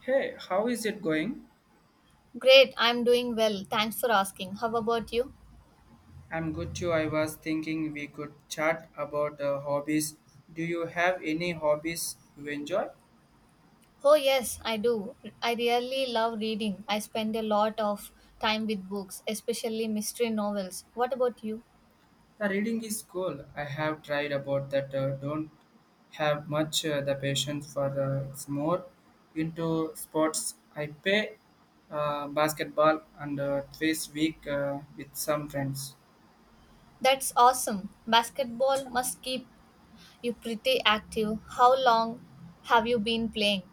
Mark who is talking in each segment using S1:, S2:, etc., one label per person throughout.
S1: Hey, how is it going?
S2: Great, I'm doing well. Thanks for asking. How about you?
S1: I'm good too. I was thinking we could chat about hobbies. Do you have any hobbies you enjoy?
S2: Oh, yes, I do. I really love reading. I spend a lot of time with books, especially mystery novels. What about you?
S1: The reading is cool. I have tried about that. Don't have much the patience for it's more into sports. I play basketball and twice week with some friends.
S2: That's awesome. Basketball must keep you pretty active. How long have you been playing?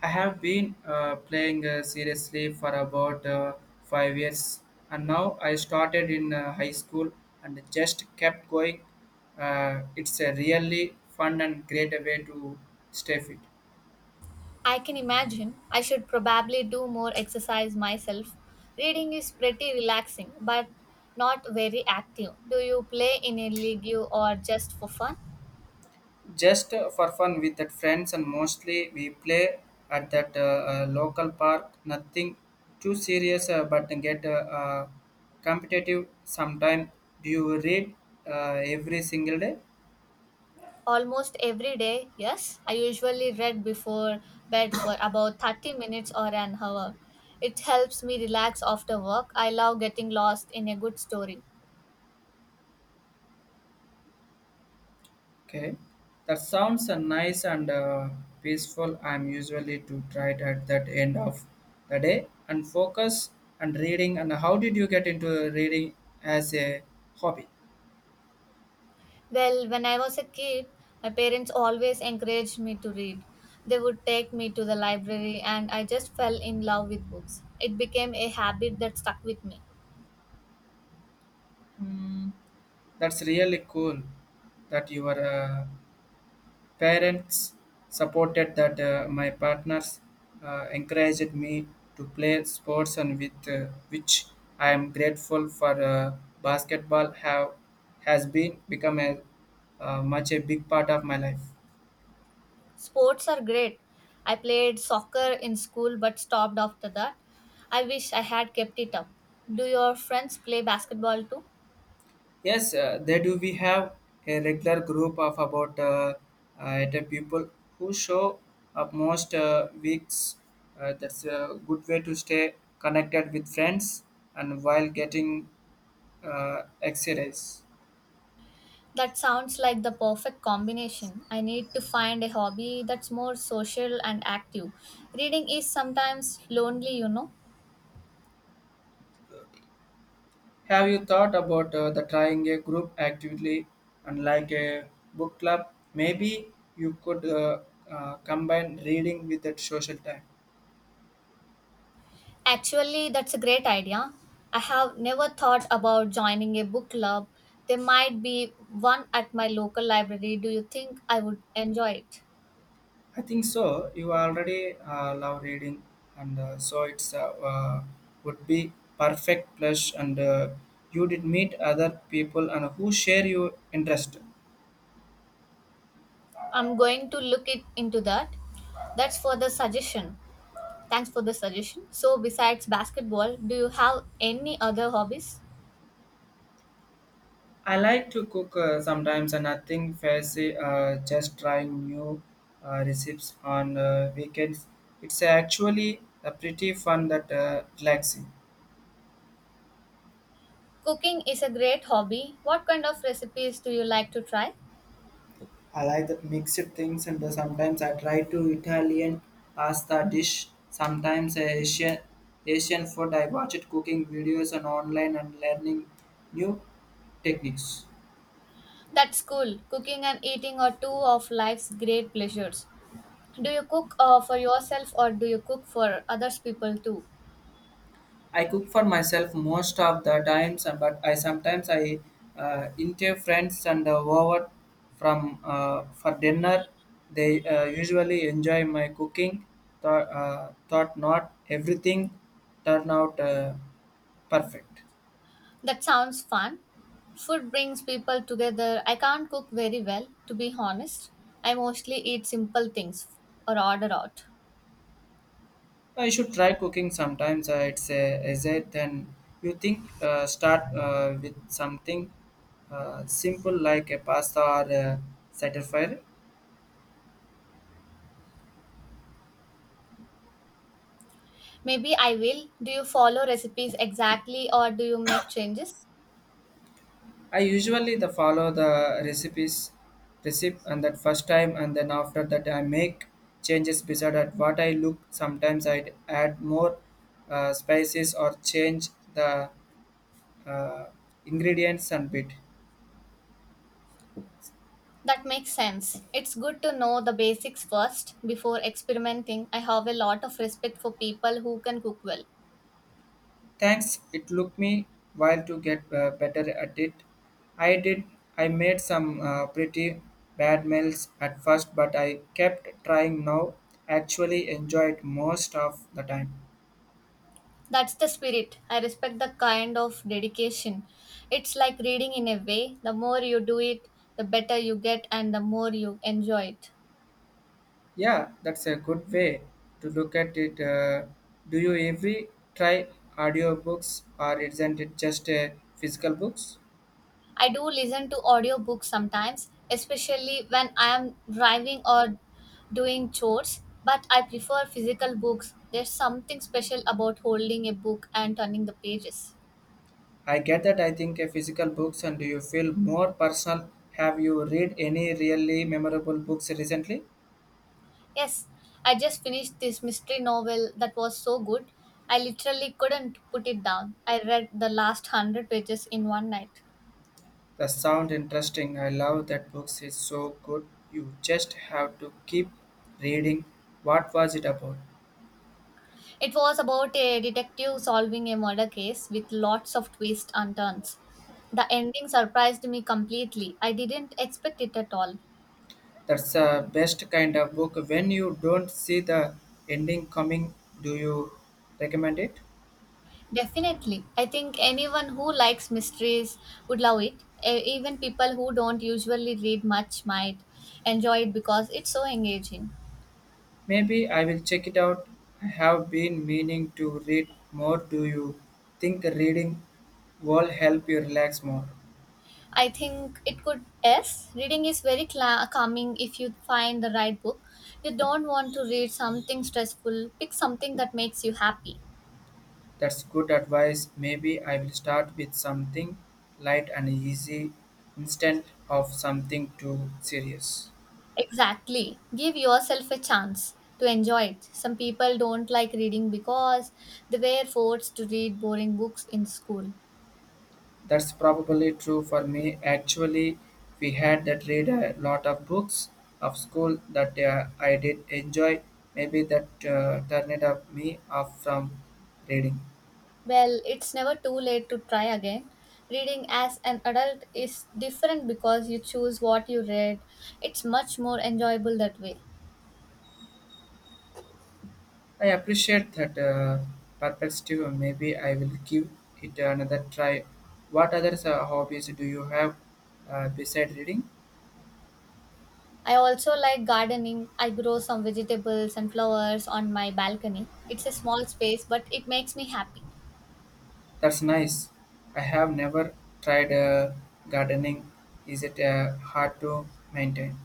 S1: I have been playing seriously for about 5 years, and now I started in high school and just kept going. It's a really fun and great way to stay fit.
S2: I can imagine. I should probably do more exercise myself. Reading is pretty relaxing, but not very active. Do you play in a league or just for fun?
S1: Just for fun with the friends, and mostly we play at that local park. Nothing too serious, but get competitive sometime. Do you read every single day?
S2: Almost every day, yes. I usually read before bed for about 30 minutes or an hour. It helps me relax after work. I love getting lost in a good story.
S1: Okay, that sounds nice and peaceful. I'm usually to try it at that end of the day and focus and reading. And how did you get into reading as a hobby?
S2: Well, when I was a kid, my parents always encouraged me to read. They would take me to the library and I just fell in love with books. It became a habit that stuck with me.
S1: Mm, that's really cool that you are parents supported that my partners encouraged me to play sports and with which I am grateful for basketball have has been become a much a big part of my life.
S2: Sports are great. I played soccer in school but stopped after that. I wish I had kept it up. Do your friends play basketball too?
S1: Yes, they do. We have a regular group of about the people who show up most weeks. That's a good way to stay connected with friends and while getting exercise.
S2: That sounds like the perfect combination. I need to find a hobby that's more social and active. Reading is sometimes lonely, you know.
S1: Have you thought about the trying a group actively and like a book club? Maybe you could combine reading with that social time.
S2: Actually, that's a great idea. I have never thought about joining a book club. There might be one at my local library. Do you think I would enjoy it?
S1: I think so. You already love reading, and so it's would be perfect plus. And you did meet other people and who share your interest.
S2: I'm going to look it into that. That's for the suggestion. Thanks for the suggestion. So besides basketball, do you have any other hobbies?
S1: I like to cook sometimes, and nothing fancy. Just trying new recipes on weekends. It's actually a pretty fun that relaxing.
S2: Cooking is a great hobby. What kind of recipes do you like to try?
S1: I like that mixed things, and sometimes I try to Italian pasta dish, sometimes Asian food. I watch it cooking videos on online and learning new techniques.
S2: That's cool. Cooking and eating are two of life's great pleasures. Do you cook for yourself or do you cook for others people too?
S1: I cook for myself most of the times, and- but I sometimes I invite friends and over from for dinner. They usually enjoy my cooking. Thought, thought not everything turn out perfect.
S2: That sounds fun. Food brings people together. I can't cook very well, to be honest. I mostly eat simple things or order out.
S1: I should try cooking sometimes. It's a easier than you think. Start with something simple like a pasta or a satisfier.
S2: Maybe I will. Do you follow recipes exactly or do you make changes?
S1: I usually the follow the recipe and that first time and then after that I make changes beside at what I look. Sometimes I add more spices or change the uh, ingredients and bit.
S2: That makes sense. It's good to know the basics first before experimenting. I have a lot of respect for people who can cook well.
S1: Thanks. It took me while to get better at it. I did. I made some pretty bad meals at first, but I kept trying. Now, actually, enjoyed most of the time.
S2: That's the spirit. I respect the kind of dedication. It's like reading in a way. The more you do it, the better you get and the more you enjoy it.
S1: Yeah, that's a good way to look at it. Do you every try audiobooks, or isn't it just a physical books?
S2: I do listen to audiobooks sometimes, especially when I am driving or doing chores, but I prefer physical books. There's something special about holding a book and turning the pages.
S1: I get that. I think a physical books, and do you feel more personal? Have you read any really memorable books recently?
S2: Yes, I just finished this mystery novel that was so good. I literally couldn't put it down. I read the last hundred pages in one night.
S1: That sound interesting. I love that books is so good. You just have to keep reading. What was it about?
S2: It was about a detective solving a murder case with lots of twists and turns. The ending surprised me completely. I didn't expect it at all.
S1: That's the best kind of book. When you don't see the ending coming, do you recommend it?
S2: Definitely. I think anyone who likes mysteries would love it. Even people who don't usually read much might enjoy it because it's so engaging.
S1: Maybe I will check it out. I have been meaning to read more. Do you think reading will help you relax more?
S2: I think it could. Yes, reading is very cla calming if you find the right book. You don't want to read something stressful. Pick something that makes you happy.
S1: That's good advice. Maybe I will start with something light and easy instead of something too serious.
S2: Exactly. Give yourself a chance to enjoy it. Some people don't like reading because they were forced to read boring books in school.
S1: That's probably true for me. Actually, we had that read a lot of books of school that I did enjoy. Maybe that turned up me off from reading.
S2: Well, it's never too late to try again. Reading as an adult is different because you choose what you read. It's much more enjoyable that way.
S1: I appreciate that perspective. Maybe I will give it another try. What other hobbies do you have beside reading?
S2: I also like gardening. I grow some vegetables and flowers on my balcony. It's a small space, but it makes me happy.
S1: That's nice. I have never tried gardening. Is it hard to maintain?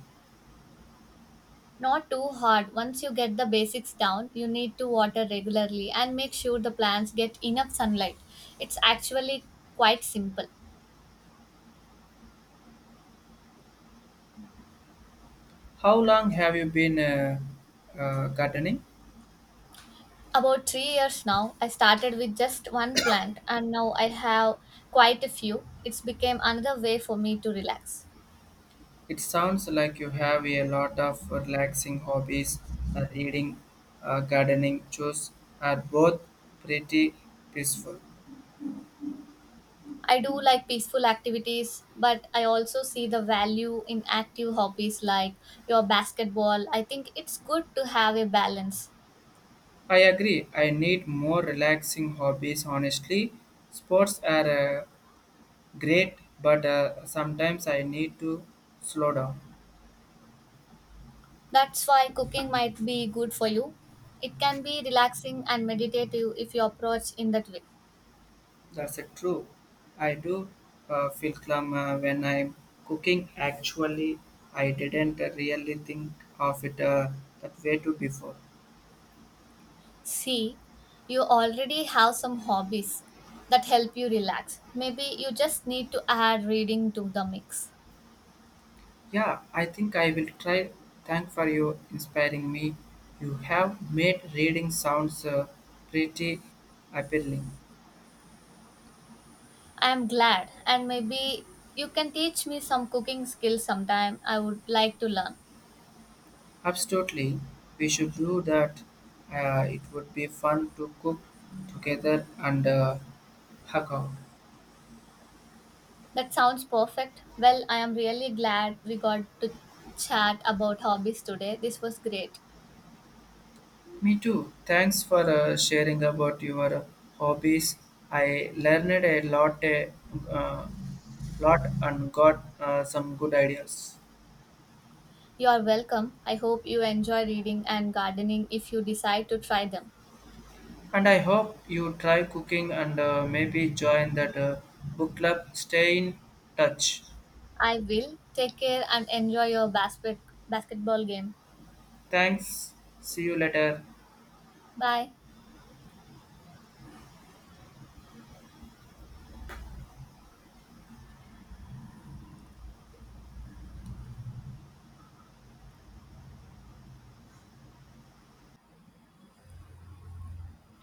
S2: Not too hard. Once you get the basics down, you need to water regularly and make sure the plants get enough sunlight. It's actually quite simple.
S1: How long have you been gardening?
S2: About 3 years now, I started with just one plant and now I have quite a few. It's became another way for me to relax.
S1: It sounds like you have a lot of relaxing hobbies. Reading, gardening, chores are both pretty peaceful.
S2: I do like peaceful activities, but I also see the value in active hobbies like your basketball. I think it's good to have a balance.
S1: I agree. I need more relaxing hobbies. Honestly, sports are great, but sometimes I need to slow down.
S2: That's why cooking might be good for you. It can be relaxing and meditative if you approach in that way.
S1: That's it, true. I do feel glum when I'm cooking. Actually, I didn't really think of it that way too before.
S2: See, you already have some hobbies that help you relax. Maybe you just need to add reading to the mix.
S1: Yeah, I think I will try. Thank for you inspiring me. You have made reading sounds pretty appealing.
S2: I am glad and maybe you can teach me some cooking skills sometime. I would like to learn.
S1: Absolutely, we should do that. It would be fun to cook together and hug out.
S2: That sounds perfect. Well, I am really glad we got to chat about hobbies today. This was great.
S1: Me too. Thanks for sharing about your hobbies. I learned a uh, lot, and got some good ideas.
S2: You are welcome. I hope you enjoy reading and gardening if you decide to try them.
S1: And I hope you try cooking and maybe join that book club. Stay in touch.
S2: I will. Take care and enjoy your basketball game.
S1: Thanks. See you later.
S2: Bye.